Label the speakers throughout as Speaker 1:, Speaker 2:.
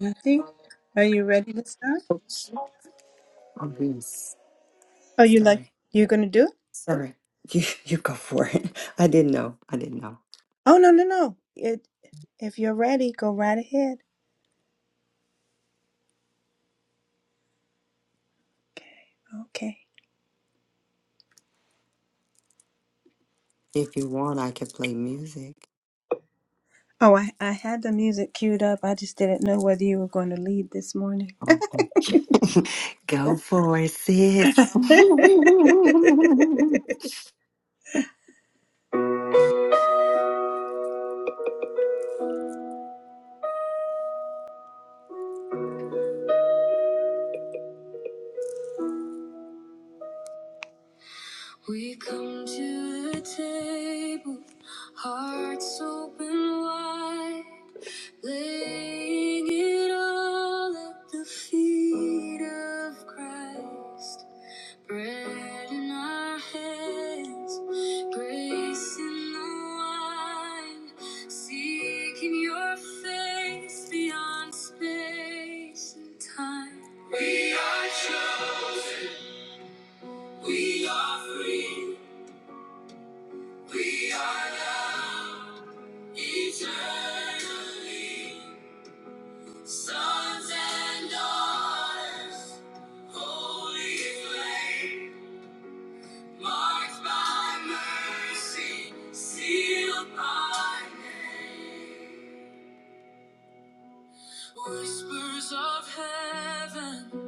Speaker 1: Kathy, are you ready to start?
Speaker 2: Oops, I'm being s-
Speaker 1: Are you like
Speaker 2: sorry.
Speaker 1: you gonna do it?
Speaker 2: Sorry. You you go for it. I didn't know. I didn't know.
Speaker 1: Oh no no no! It if you're ready, go right ahead. Okay. Okay.
Speaker 2: If you want, I could play music.
Speaker 1: Oh, I I had the music queued up. I just didn't know whether you were going to lead this morning.
Speaker 2: Okay. go for it, sis.
Speaker 1: We come to the table, hearts open wide, laying it all at the feet of Christ. Bread in our hands, grace in the wine, seeking your face beyond space and time. We are chosen, we are free, we are loved eternally, sons and daughters, holy flame. Marked by mercy, sealed by name. Whispers of heaven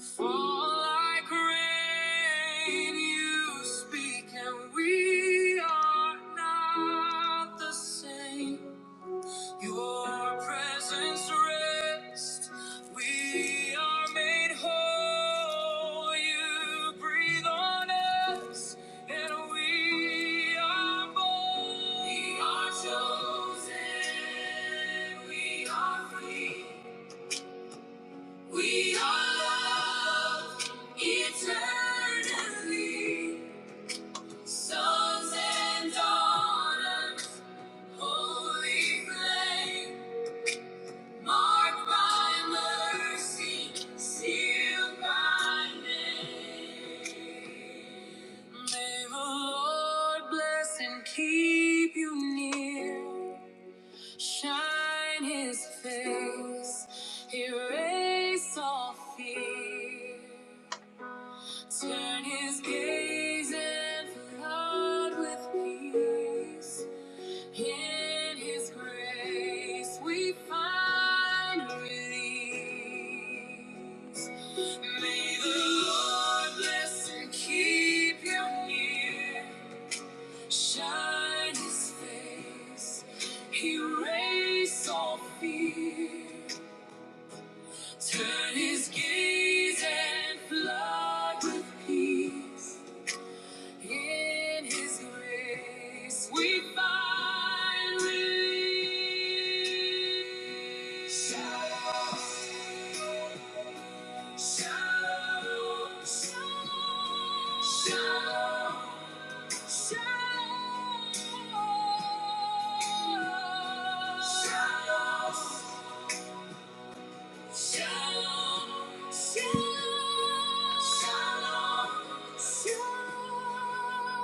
Speaker 1: fall like rain. You speak, and we are not the same. Your presence rest. We are made whole. You breathe on us, and we are born. We are chosen. We are free. We are loved eternally. Sons and daughters, holy flame. Marked by mercy, sealed by name. May the Lord bless and keep you near. Shine his face, erase all fear. Turn his gaze and flood with peace. In His grace we find release. May the Lord bless and keep you near, shine His face, erase all fear, turn His gaze and flood with peace. In His grace, we find relief. Shalom, shalom, shalom, shalom, shalom. Shalom, shalom, shalom. shalom.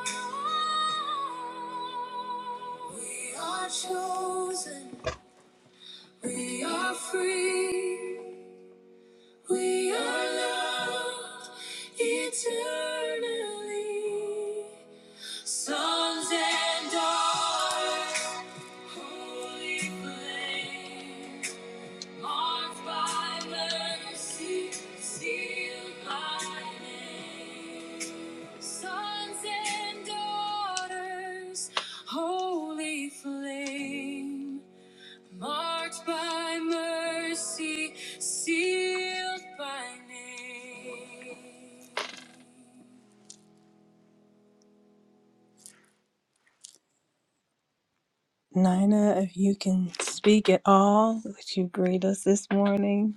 Speaker 1: We are chosen, we are free, we are loved eternally. Sons and daughters, holy flame. Marked by mercy, sealed by name. Sons and daughters, holy flame. Marked by mercy, sealed by name. Nina, if you can speak at all, would you greet us this morning?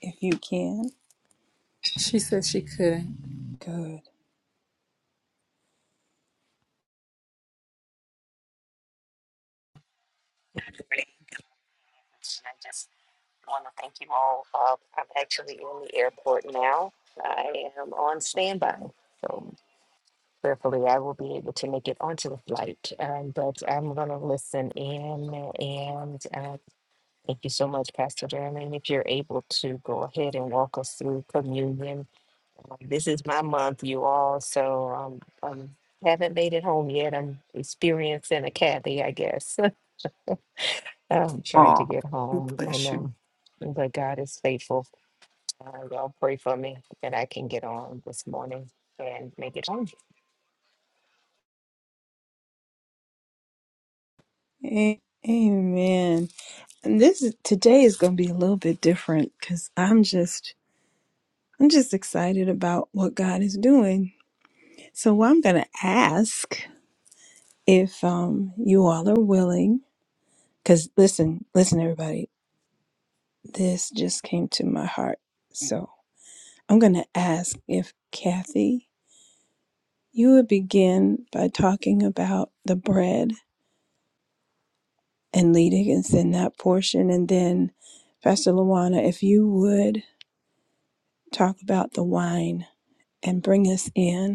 Speaker 1: If you can,
Speaker 3: She said she could.
Speaker 1: good.
Speaker 4: morning. I just want to thank you all. Uh, I'm actually in the airport now. I am on standby. So prayerfully, I will be able to make it onto the flight. Um, but I'm going to listen in. And uh, thank you so much, Pastor Jeremy. If you're able to go ahead and walk us through communion, Um, this is my month, you all. So um, I haven't made it home yet. I'm experiencing a Kathy, I guess. I'm trying to
Speaker 2: oh,
Speaker 4: get home and
Speaker 2: bless you.
Speaker 4: um but God is faithful. Uh, y'all pray for me that I can get on this morning and make it home.
Speaker 1: A- Amen. And this is- today is going to be a little bit different because I'm just I'm just excited about what God is doing. So I'm going to ask if um, you all are willing, because listen, listen, everybody, this just came to my heart. So I'm going to ask if Kathy, you would begin by talking about the bread and leading us in that portion, and then Pastor Luana, if you would talk about the wine and bring us in.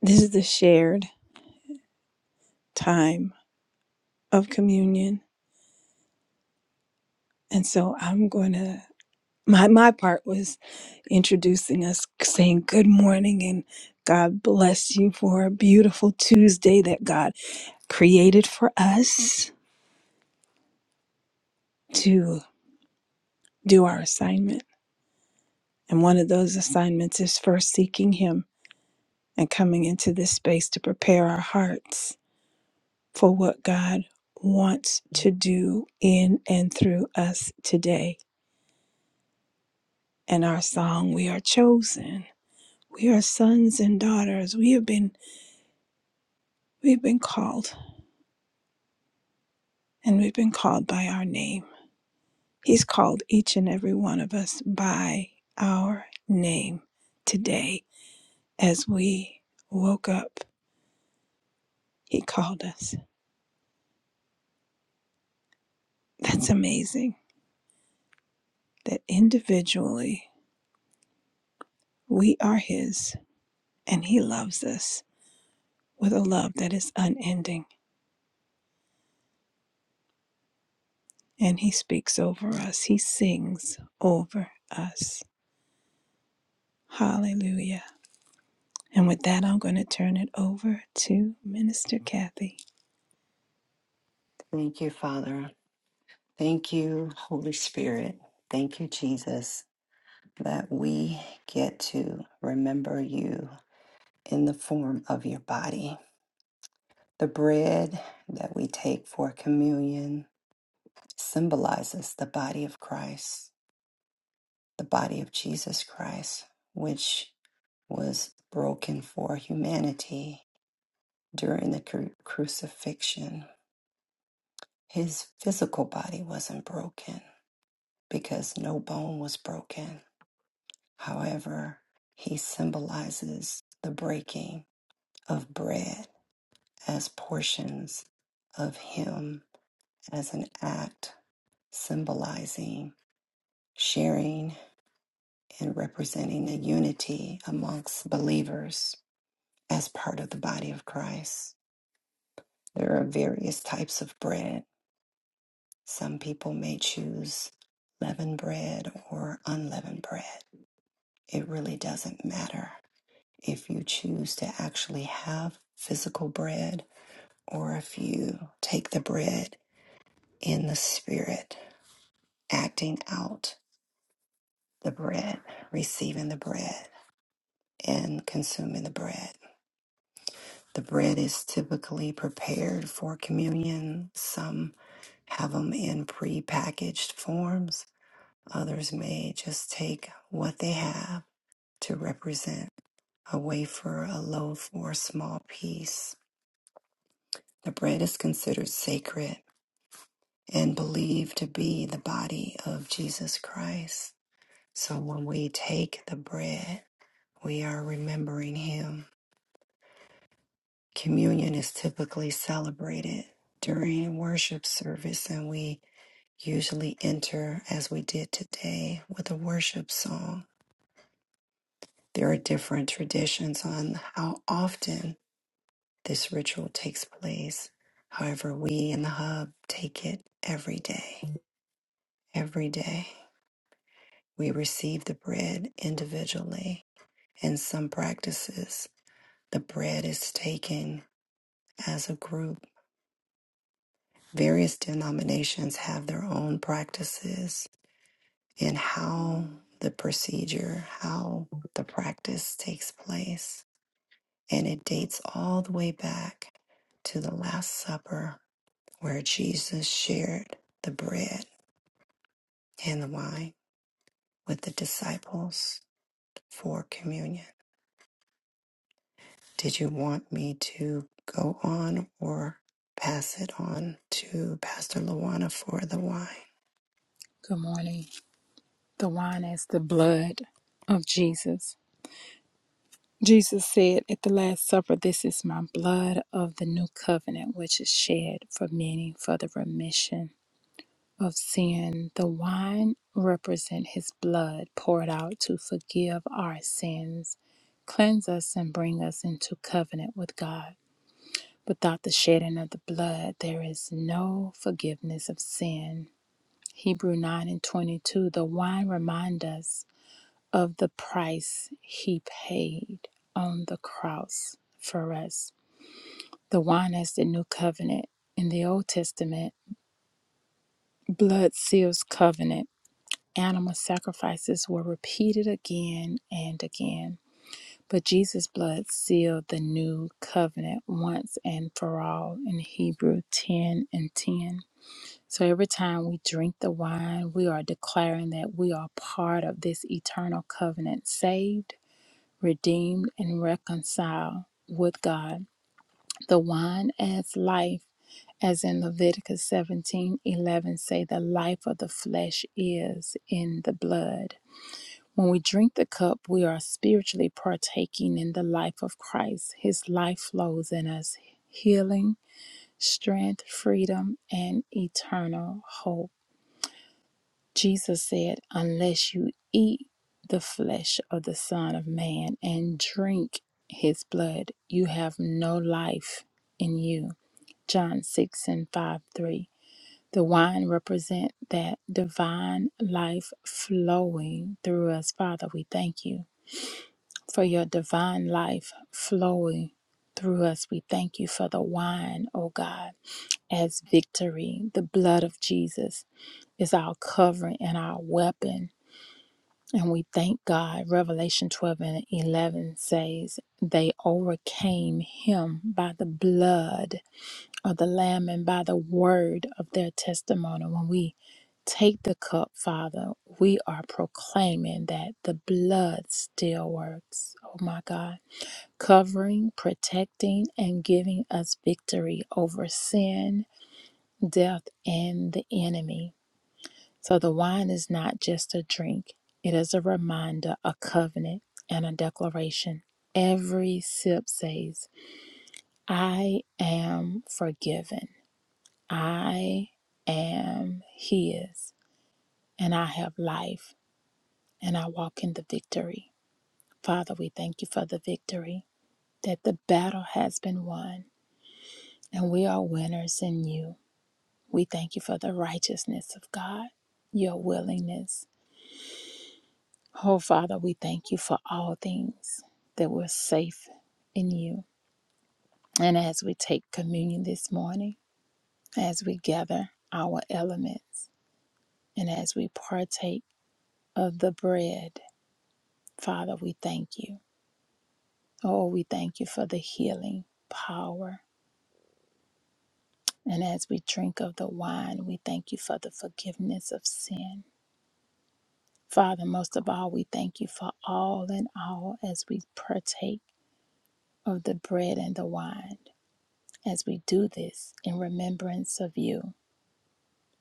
Speaker 1: this is the shared time of communion and so i'm going to my my part was introducing us saying good morning and god bless you for a beautiful tuesday that god created for us to do our assignment and one of those assignments is first seeking him and coming into this space to prepare our hearts for what god wants to do in and through us today In our song we are chosen we are sons and daughters we have been we've been called and we've been called by our name he's called each and every one of us by our name today as we woke up he called us that's amazing that individually we are his and he loves us with a love that is unending and he speaks over us he sings over us hallelujah And with that, I'm going to turn it over to Minister Kathy.
Speaker 2: Thank you, Father. Thank you, Holy Spirit. Thank you, Jesus, that we get to remember you in the form of your body. The bread that we take for communion symbolizes the body of Christ, the body of Jesus Christ, which was broken for humanity during the cru- crucifixion. His physical body wasn't broken because no bone was broken. However, he symbolizes the breaking of bread as portions of him as an act symbolizing sharing and representing a unity amongst believers as part of the body of Christ. There are various types of bread. Some people may choose leavened bread or unleavened bread. It really doesn't matter if you choose to actually have physical bread or if you take the bread in the spirit, acting out the bread, receiving the bread, and consuming the bread. The bread is typically prepared for communion. Some have them in pre-packaged forms. Others may just take what they have to represent a wafer, a loaf, or a small piece. The bread is considered sacred and believed to be the body of Jesus Christ. So when we take the bread, we are remembering him Communion is typically celebrated during worship service, and we usually enter, as we did today, with a worship song. There are different traditions on how often this ritual takes place. However, we in the hub take it every day. Every day, we receive the bread individually. In some practices, the bread is taken as a group various denominations have their own practices in how the procedure, how the practice takes place. And it dates all the way back to the Last Supper, where Jesus shared the bread and the wine with the disciples for communion. Did you want me to go on or pass it on to Pastor Luana for the wine?
Speaker 3: Good morning. The wine is the blood of Jesus. Jesus said at the Last Supper, This is my blood of the new covenant, which is shed for many for the remission of sin. The wine represent his blood poured out to forgive our sins, cleanse us, and bring us into covenant with God. Without the shedding of the blood, there is no forgiveness of sin. Hebrew 9 and 22, the wine remind us of the price he paid on the cross for us. The wine is the new covenant in the Old Testament. Blood seals covenant. Animal sacrifices were repeated again and again. But Jesus' blood sealed the new covenant once and for all in Hebrew 10 and 10. So every time we drink the wine, we are declaring that we are part of this eternal covenant, saved, redeemed, and reconciled with God. The wine adds life, as in Leviticus 17 11, say, the life of the flesh is in the blood. When we drink the cup, we are spiritually partaking in the life of Christ. His life flows in us, healing, strength, freedom, and eternal hope. Jesus said, Unless you eat the flesh of the Son of Man and drink his blood, you have no life in you. John 6 and 5 3. The wine represent that divine life flowing through us. Father, we thank you for your divine life flowing through us. We thank you for the wine, O God, as victory. The blood of Jesus is our covering and our weapon and we thank God. Revelation 12 and 11 says, They overcame him by the blood of the Lamb and by the word of their testimony. When we take the cup, Father, we are proclaiming that the blood still works. Oh my God. Covering, protecting, and giving us victory over sin, death, and the enemy. So the wine is not just a drink, it is a reminder, a covenant, and a declaration. Every sip says, I am forgiven, I am His, and I have life, and I walk in the victory. Father, we thank you for the victory, that the battle has been won, and we are winners in you. We thank you for the righteousness of God, your willingness Oh, Father, we thank you for all things that we're safe in you. And as we take communion this morning, as we gather our elements, and as we partake of the bread, Father, we thank you. Oh, we thank you for the healing power. And as we drink of the wine, we thank you for the forgiveness of sin. Father, most of all, we thank you for all in all as we partake of the bread and the wine. As we do this in remembrance of you,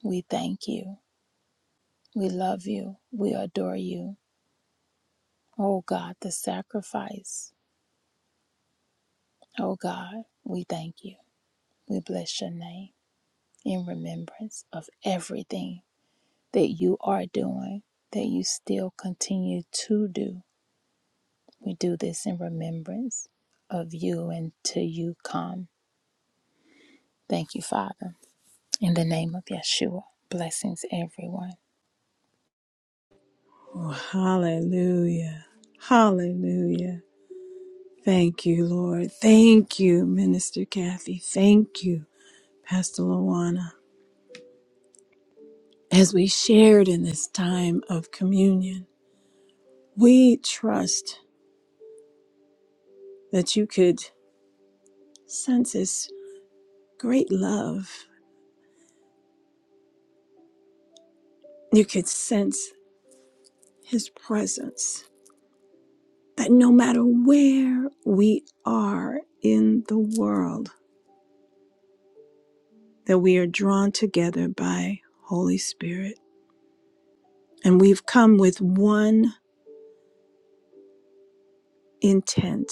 Speaker 3: we thank you. We love you. We adore you. Oh God, the sacrifice. Oh God, we thank you. We bless your name in remembrance of everything that you are doing, that you still continue to do. We do this in remembrance of you until you come. Thank you, Father. In the name of Yeshua, blessings, everyone.
Speaker 1: Oh, hallelujah. Hallelujah. Thank you, Lord. Thank you, Minister Kathy. Thank you, Pastor Luana. As we shared in this time of communion, we trust that you could sense His great love. You could sense His presence. That no matter where we are in the world, that we are drawn together by Holy Spirit. And we've come with one intent,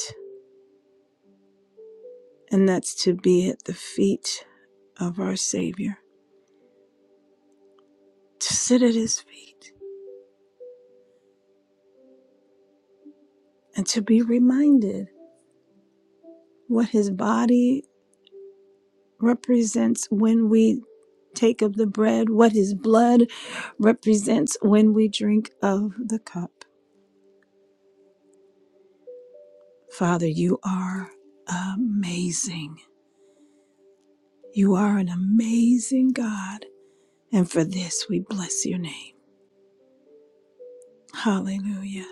Speaker 1: and that's to be at the feet of our Savior, to sit at his feet and to be reminded what his body represents when we take of the bread, what his blood represents when we drink of the cup. Father, you are amazing. You are an amazing God. And for this, we bless your name. Hallelujah.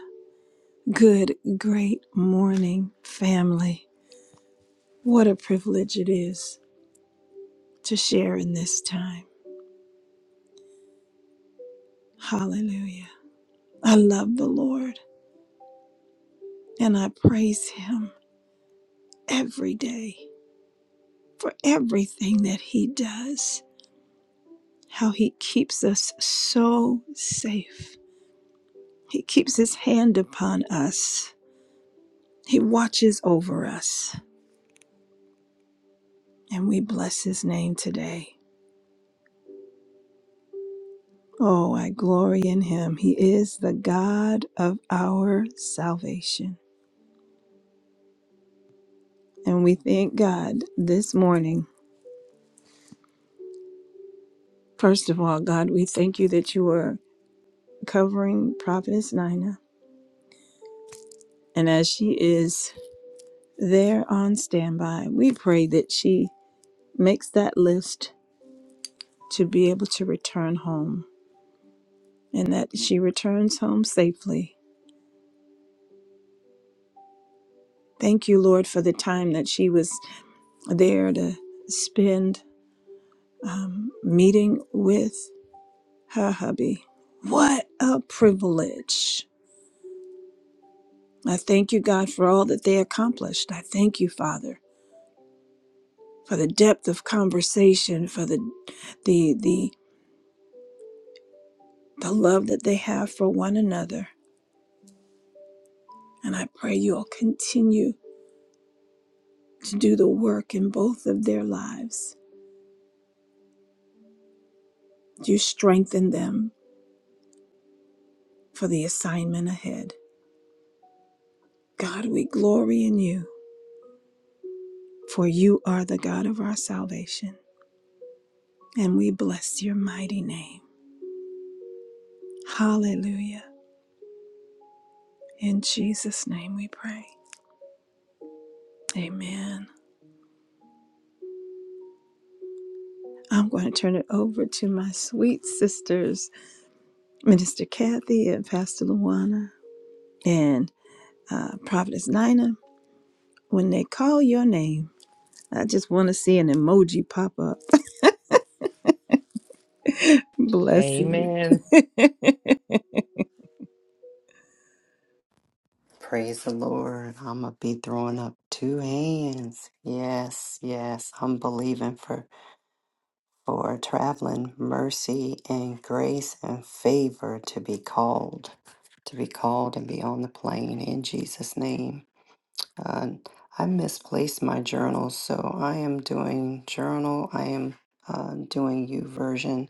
Speaker 1: Good, great morning, family. What a privilege it is to share in this time. Hallelujah. I love the Lord and I praise him every day for everything that he does, how he keeps us so safe. He keeps his hand upon us, he watches over us, and we bless his name today. Oh, I glory in him. He is the God of our salvation. And we thank God this morning. First of all, God, we thank you that you are covering Prophetess Nina. And as she is there on standby, we pray that she makes that list to be able to return home and that she returns home safely. Thank you, Lord, for the time that she was there to spend um, meeting with. her hubby. What a privilege. I thank you, God, for all that they accomplished. I thank you, Father, for the depth of conversation, for the the the the love that they have for one another. And I pray you'll continue to do the work in both of their lives. You strengthen them for the assignment ahead. God, we glory in you, for you are the God of our salvation, and we bless your mighty name. Hallelujah. In Jesus' name we pray. Amen. I'm going to turn it over to my sweet sisters, Minister Kathy and Pastor Luana and uh, Prophetess Nina. When they call your name, I just want to see an emoji pop up. Bless you.
Speaker 4: Amen.
Speaker 2: Praise the Lord. I'm going to be throwing up two hands. Yes, yes. I'm believing for, for traveling mercy and grace and favor to be called, to be called and be on the plane in Jesus' name. Uh, I misplaced my journal, so I am doing journal. I am uh, doing you version.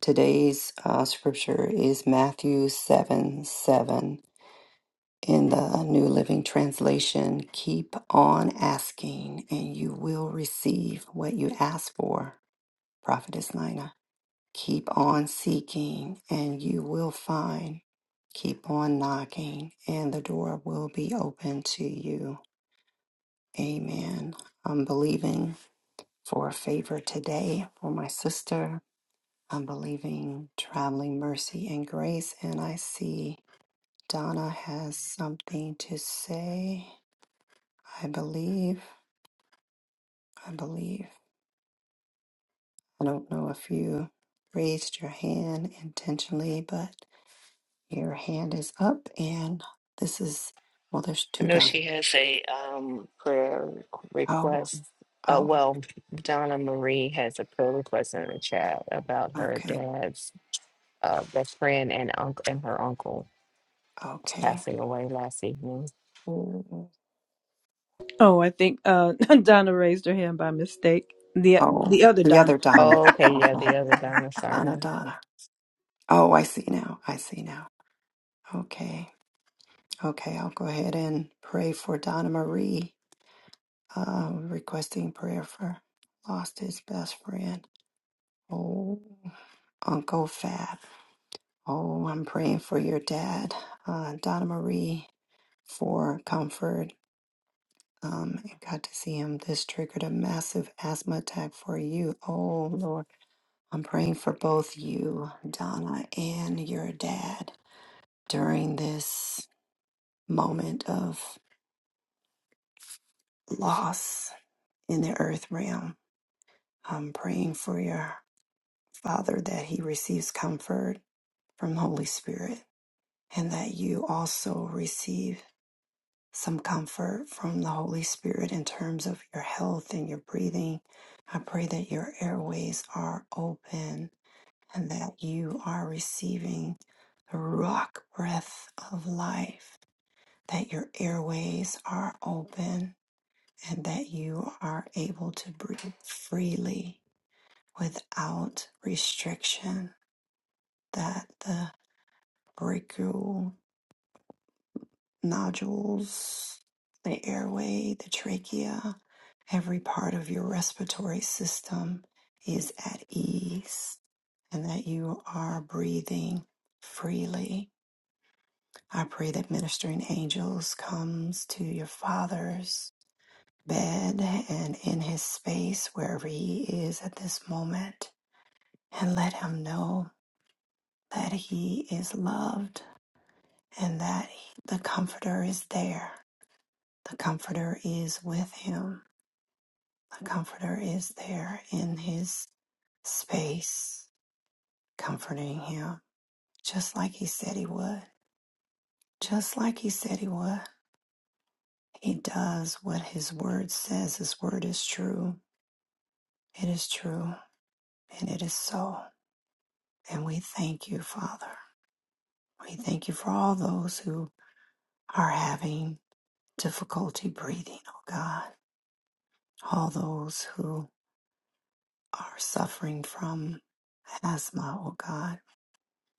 Speaker 2: Today's uh, scripture is Matthew 7 7 in the New Living Translation, keep on asking and you will receive what you ask for, Prophetess Nina. Keep on seeking and you will find. Keep on knocking and the door will be open to you. Amen. I'm believing for a favor today for my sister. I'm believing traveling mercy and grace, and I see Donna has something to say. I believe, I believe. I don't know if you raised your hand intentionally, but your hand is up and this is, well, there's
Speaker 4: I
Speaker 2: two
Speaker 4: know
Speaker 2: down.
Speaker 4: she has a um prayer
Speaker 2: Oh,
Speaker 4: request. Uh,
Speaker 2: oh,
Speaker 4: well, Donna Marie has a prayer request in the chat about her
Speaker 2: okay,
Speaker 4: dad's uh, best friend and uncle and her uncle
Speaker 2: okay.
Speaker 4: passing away last evening.
Speaker 2: Oh,
Speaker 1: Oh, I think uh, Donna raised her hand by mistake. The
Speaker 2: oh,
Speaker 1: the other
Speaker 2: the
Speaker 1: Donna.
Speaker 2: other Donna.
Speaker 4: Oh, okay, yeah,
Speaker 2: Okay,
Speaker 4: the other Donna,
Speaker 2: Donna,
Speaker 4: sorry.
Speaker 2: Donna. Oh, I see now. I see now. Okay, okay. I'll go ahead and pray for Donna Marie, uh, requesting prayer for lost his best friend. Oh. Uncle Fab. Oh, I'm praying for your dad, uh, Donna Marie, for comfort. Um, I got to see him. This triggered a massive asthma attack for you. Oh, Lord. I'm praying for both you, Donna, and your dad during this moment of loss in the earth realm. I'm praying for your father that he receives comfort from Holy Spirit and that you also receive. some comfort from the Holy Spirit in terms of your health and your breathing. I pray that your airways are open and that you are receiving the rock breath of life, that your airways are open and that you are able to breathe freely without restriction, that the breakthrough nodules, the airway, the trachea, every part of your respiratory system is at ease and that you are breathing freely. I pray that ministering angels comes to your father's bed and in his space wherever he is at this moment and let him know that he is loved and that the comforter is there. The comforter is with him The Comforter is there in his space, comforting him, just like he said he would. Just like he said he would. He does what his word says. His word is true. It is true, and it is so. And we thank you, Father. We thank you for all those who are having difficulty breathing, oh God. All those who are suffering from asthma, oh God.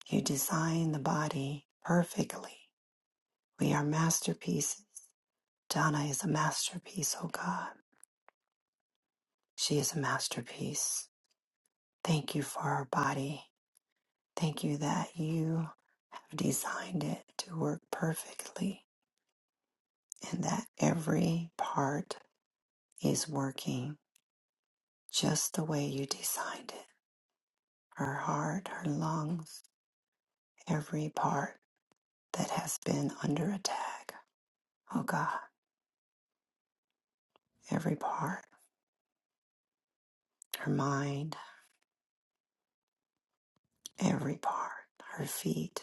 Speaker 2: You designed the body perfectly We are masterpieces. Donna is a masterpiece, oh God. She is a masterpiece. Thank you for our body. Thank you that you have designed it to work perfectly and that every part is working just the way you designed it. Her heart, her lungs, every part that has been under attack. Oh God, every part. Her mind, every part. Her feet.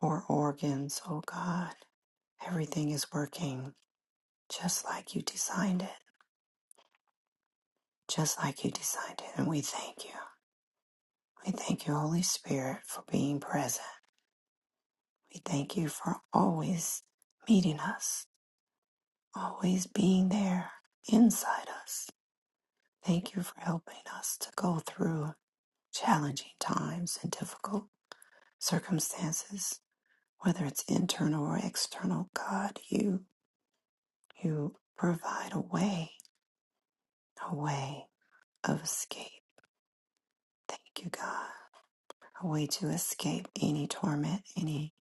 Speaker 2: or organs, oh God. Everything is working just like you designed it, just like you designed it. And we thank you. We thank you, Holy Spirit, for being present. We thank you for always meeting us, always being there inside us. Thank you for helping us to go through challenging times and difficult circumstances, whether it's internal or external. God, you you provide a way, a way. of escape. Thank you, God. A way to escape any torment, any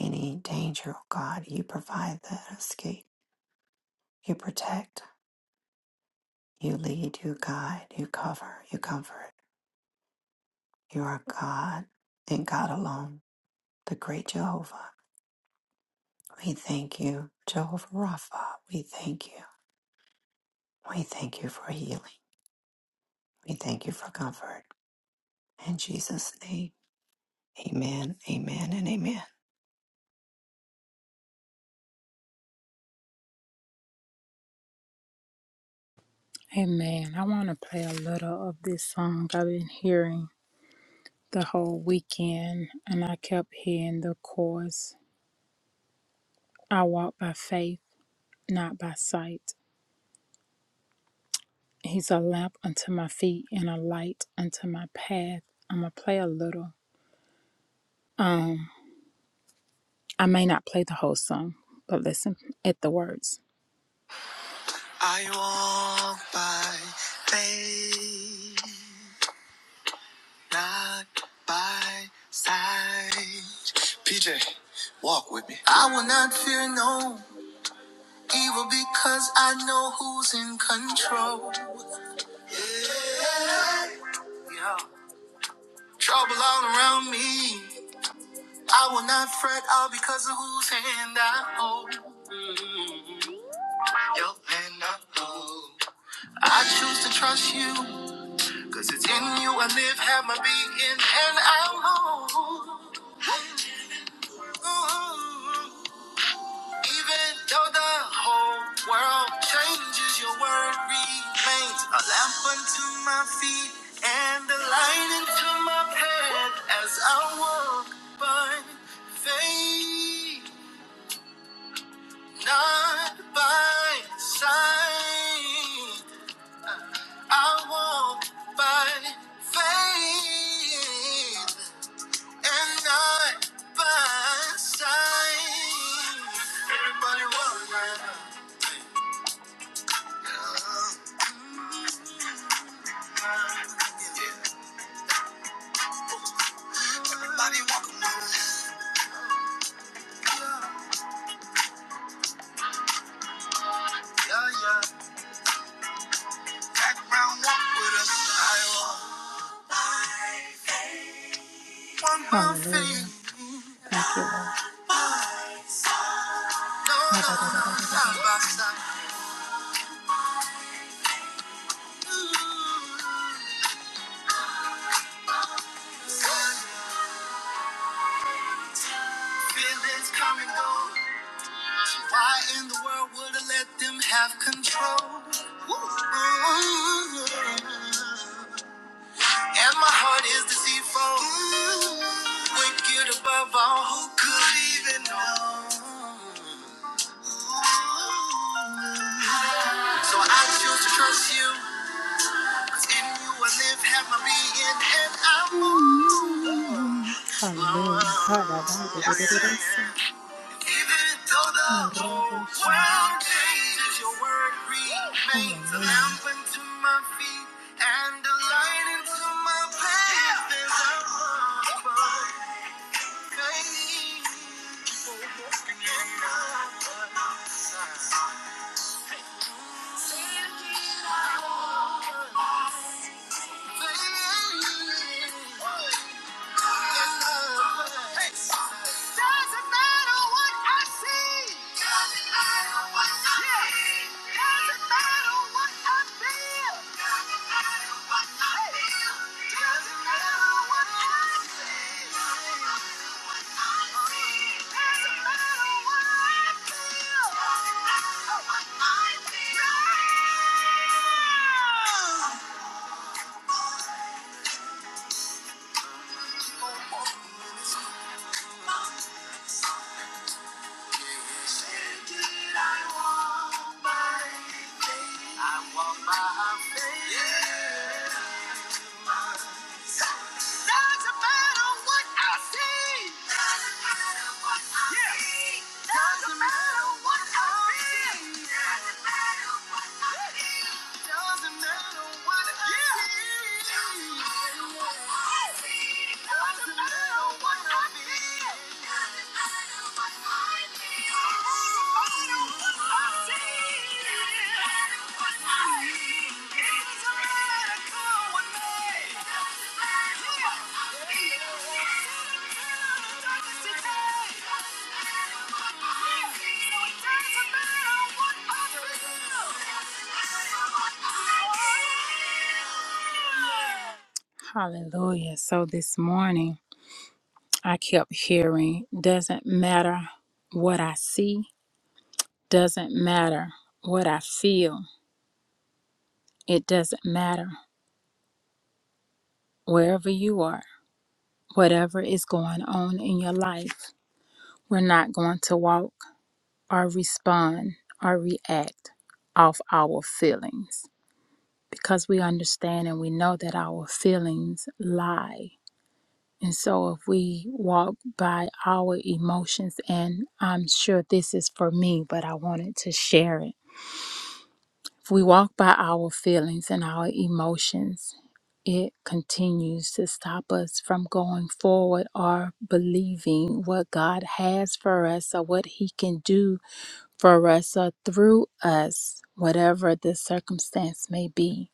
Speaker 2: any danger, oh God. You provide that escape. You protect. You lead. You guide. You cover. You comfort. You are God and God alone, the great Jehovah. We thank you, Jehovah Rapha. We thank you. We thank you for healing. We thank you for comfort. In Jesus' name, amen, amen, and amen.
Speaker 3: Amen. I want to play a little of this song I've been hearing the whole weekend, and I kept hearing the chorus I walk by faith, not by sight. He's a lamp unto my feet and a light unto my path. I'm going to play a little. Um, I may not play the whole song, but listen at the words. I walk by faith. not by side. PJ, walk with me. I will not fear no evil because I know who's in control. Yeah. Yeah. Trouble all around me. I will not fret all because of whose hand I hold. Mm. Your hand I hold. I choose to trust you. Cause it's in you I live, have my being, and I move. Mm-hmm. Even though the whole world changes, your word remains a lamp unto my feet and a light into my path as I walk by faith, not by sight. I walk by faith and not by sight. Everybody run, right now. Yeah. Everybody walk a mile. Yeah, yeah. Background walk with us. I walk. One more thing. Hallelujah. Thank you, Lord. No, no, no. Side by side. Feelings come and go. Why in the world would I let them have control? Ooh. And my heart is deceitful, wicked above all. Who could even know? So I choose to trust you, 'cause in you I live, have my being, and I move. Hallelujah. Even though the whole world changes, your word remains a lamp unto my feet and a light into my path. There's a hope of faith in the side. Faith in the I want my faith. Yeah. Doesn't matter what I see. Doesn't matter what I yeah. see. Doesn't matter what I feel. Doesn't matter what I feel. Doesn't matter what I yeah. see. Doesn't matter what I see. Doesn't matter what I feel. Doesn't matter what I feel. Hallelujah. So this morning I kept hearing, doesn't matter what I see, doesn't matter what I feel. It doesn't matter wherever you are, whatever is going on in your life. We're not going to walk or respond or react off our feelings because we understand and we know that our feelings lie. And so, if we walk by our emotions, and I'm sure this is for me, but I wanted to share it If we walk by our feelings and our emotions, it continues to stop us from going forward or believing what God has for us or what He can do for us or through us, whatever the circumstance may be.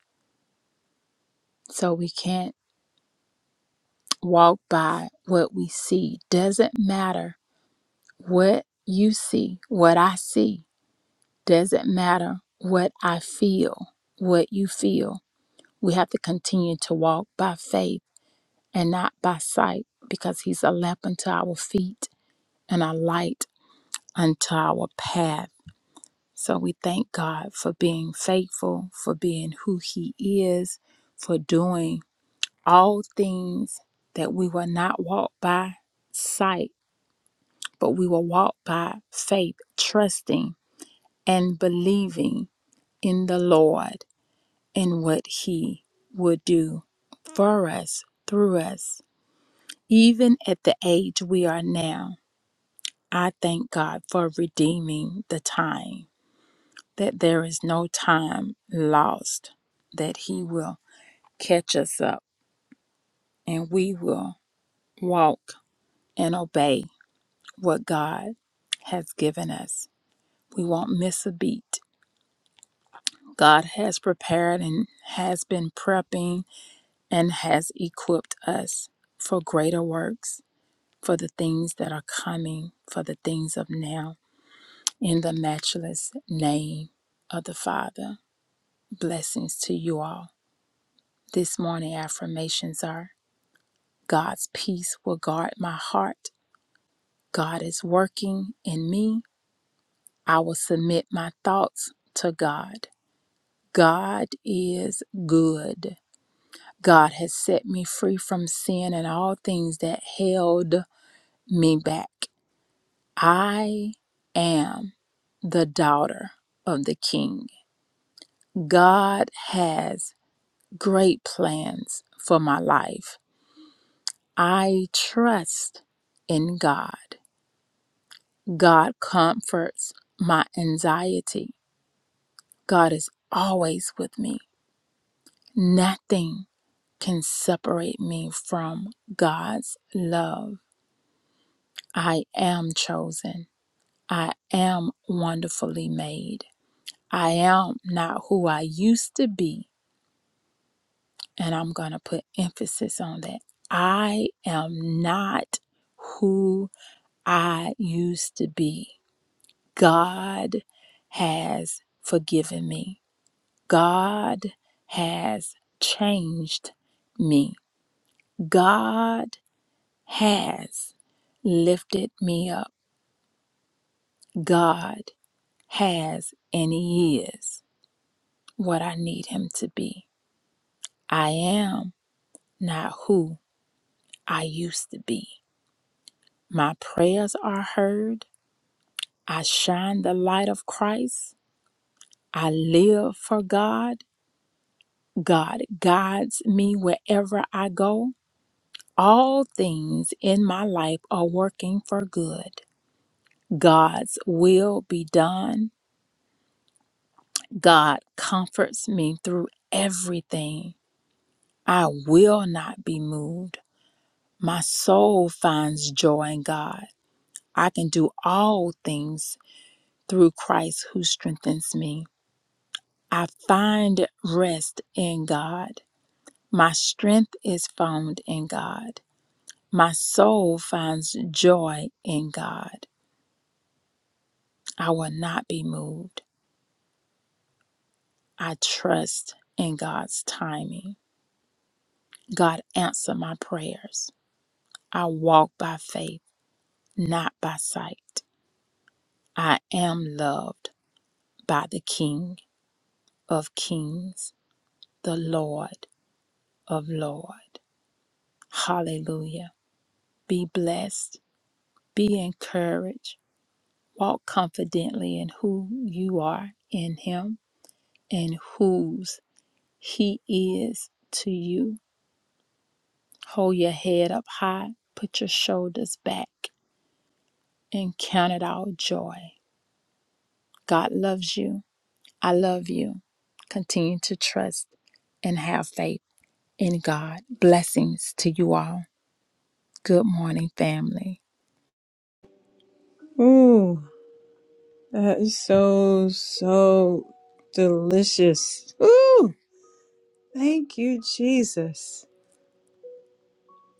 Speaker 3: So we can't walk by what we see. Doesn't matter what you see, what I see. Doesn't matter what I feel, what you feel We have to continue to walk by faith and not by sight because He's a lamp unto our feet and a light unto our path. So we thank God for being faithful, for being who He is, for doing all things that we will not walk by sight, but we will walk by faith, trusting and believing in the Lord and what He will do for us, through us Even at the age we are now, I thank God for redeeming the time, that there is no time lost, that He will catch us up and we will walk and obey what God has given us. We won't miss a beat. God has prepared and has been prepping and has equipped us for greater works, for the things that are coming, for the things of now. In the matchless name of the Father, blessings to you all. This morning affirmations are God's peace will guard my heart. God is working in me. I will submit my thoughts to God. God is good. God has set me free from sin and all things that held me back. I am the daughter of the King. God has great plans for my life. I trust in God. God comforts my anxiety. God is always with me. Nothing can separate me from God's love. I am chosen. I am wonderfully made. I am not who I used to be. And I'm going to put emphasis on that. I am not who I used to be. God has forgiven me. God has changed me. God has lifted me up. God has and He is what I need Him to be. I am not who I used to be. My prayers are heard. I shine the light of Christ. I live for God. God guides me wherever I go. All things in my life are working for good. God's will be done. God comforts me through everything. I will not be moved. My soul finds joy in God. I can do all things through Christ who strengthens me. I find rest in God. My strength is found in God. My soul finds joy in God. I will not be moved. I trust in God's timing. God, answer my prayers. I walk by faith, not by sight. I am loved by the King of Kings, the Lord of Lord. Hallelujah. Be blessed, be encouraged, walk confidently in who you are in Him and whose. He is to you. Hold your head up high, put your shoulders back, and count it all joy. God loves you. I love you. Continue to trust and have faith in God. Blessings to you all. Good morning, family.
Speaker 1: Ooh, that is so, so delicious. Ooh, thank you, Jesus.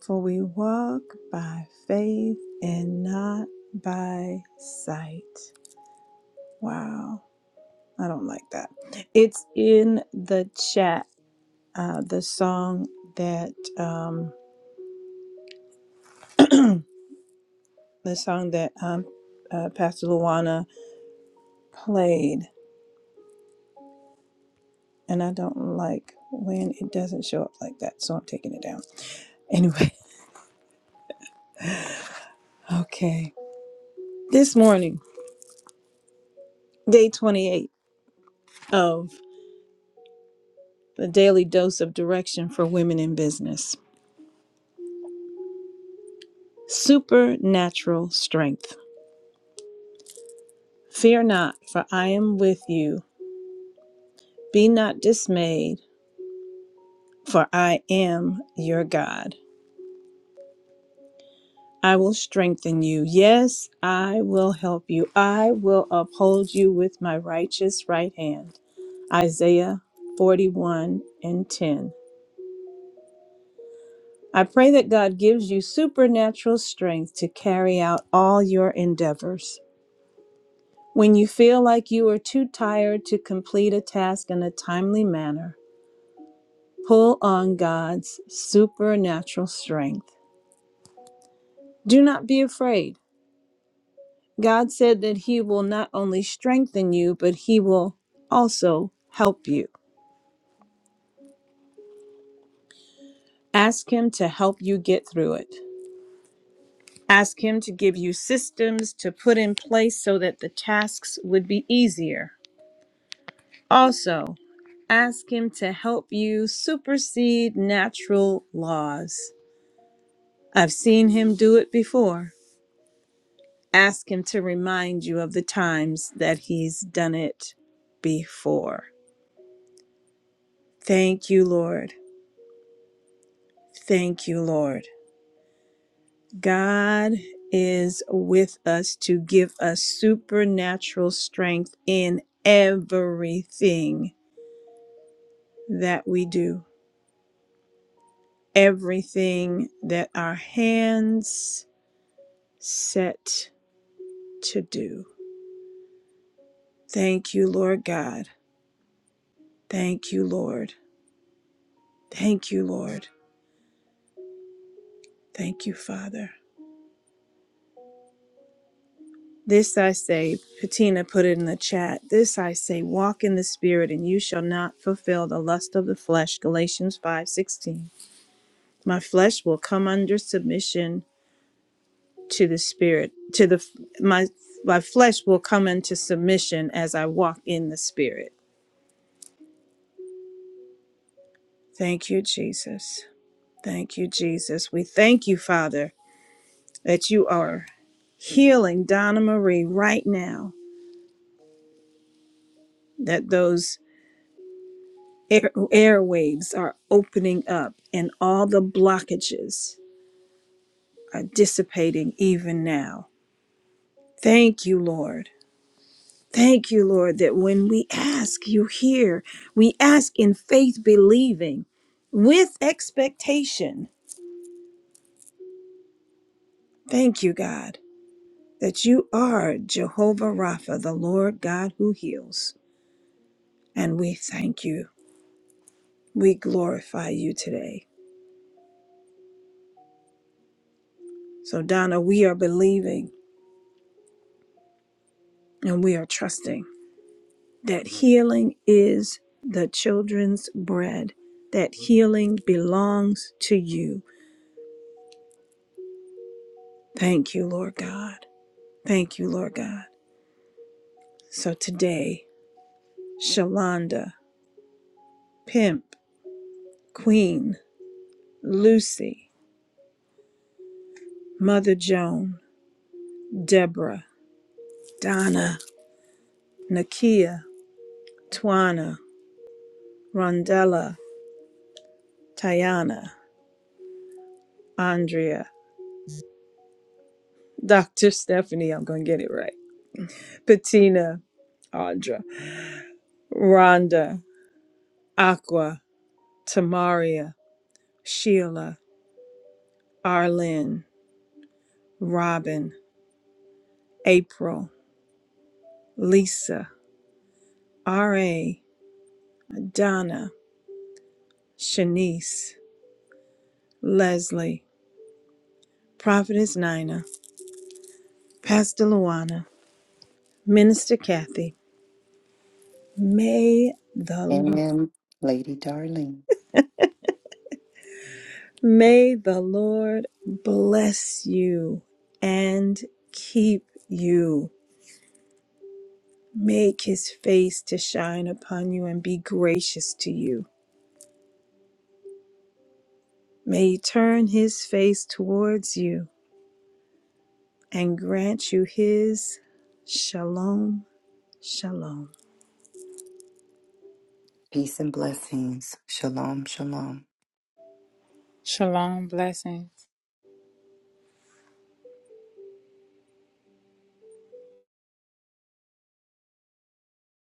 Speaker 1: For we walk by faith and not by sight. Wow. I don't like that. It's in the chat. Uh, the song that um, the song that um, uh, Pastor Luana played, and I don't like when it doesn't show up like that, so I'm taking it down. Anyway, okay. This morning, day 28 of the daily dose of direction for women in business. supernatural strength. Fear not, for I am with you. Be not dismayed, for I am your God. I will strengthen you. Yes, I will help you. I will uphold you with my righteous right hand. Isaiah 41 and 10. I pray that God gives you supernatural strength to carry out all your endeavors. When you feel like you are too tired to complete a task in a timely manner, Pull on God's supernatural strength. Do not be afraid. God said that He will not only strengthen you, but He will also help you. Ask Him to help you get through it. Ask Him to give you systems to put in place so that the tasks would be easier. Also, ask Him to help you supersede natural laws. I've seen Him do it before. Ask Him to remind you of the times that He's done it before. Thank you, Lord. Thank you, Lord. God is with us to give us supernatural strength in everything that we do, everything that our hands set to do. Thank you, Lord God. Thank you, Lord. Thank you, Lord. Thank you, Father. This I say, Patina put it in the chat. This I say, walk in the spirit, and you shall not fulfill the lust of the flesh. Galatians five sixteen. My flesh will come under submission to the spirit. To the my my flesh will come into submission as I walk in the spirit. Thank you, Jesus. Thank you, Jesus. We thank you, Father, that you are healing Donna Marie right now. That those air, airwaves are opening up and all the blockages are dissipating even now. Thank you, Lord. Thank you, Lord, that when we ask, you hear. We ask in faith, believing with expectation. Thank you, God, that you are Jehovah Rapha, the Lord God who heals. And we thank you. We glorify you today. So, Donna, we are believing and we are trusting that healing is the children's bread, that healing belongs to you. Thank you, Lord God. Thank you, Lord God. So today, Shalonda, Pimp, Queen, Lucy, Mother Joan, Deborah, Donna, Nakia, Twana, Rondella, Tayana, Andrea, Dr. Stephanie, I'm going to get it right, Patina, Audra, Rhonda, Aqua, Tamaria, Sheila, Arlene, Robin, April, Lisa, R.A., Donna, Shanice, Leslie, Prophetess Nina, Pastor Luana, Minister Kathy. May the
Speaker 2: Amen, Lady Darling.
Speaker 1: may the Lord bless you and keep you. Make his face to shine upon you and be gracious to you. May he turn his face towards you and grant you his shalom, shalom.
Speaker 2: Peace and blessings. Shalom, shalom.
Speaker 3: Shalom, blessings.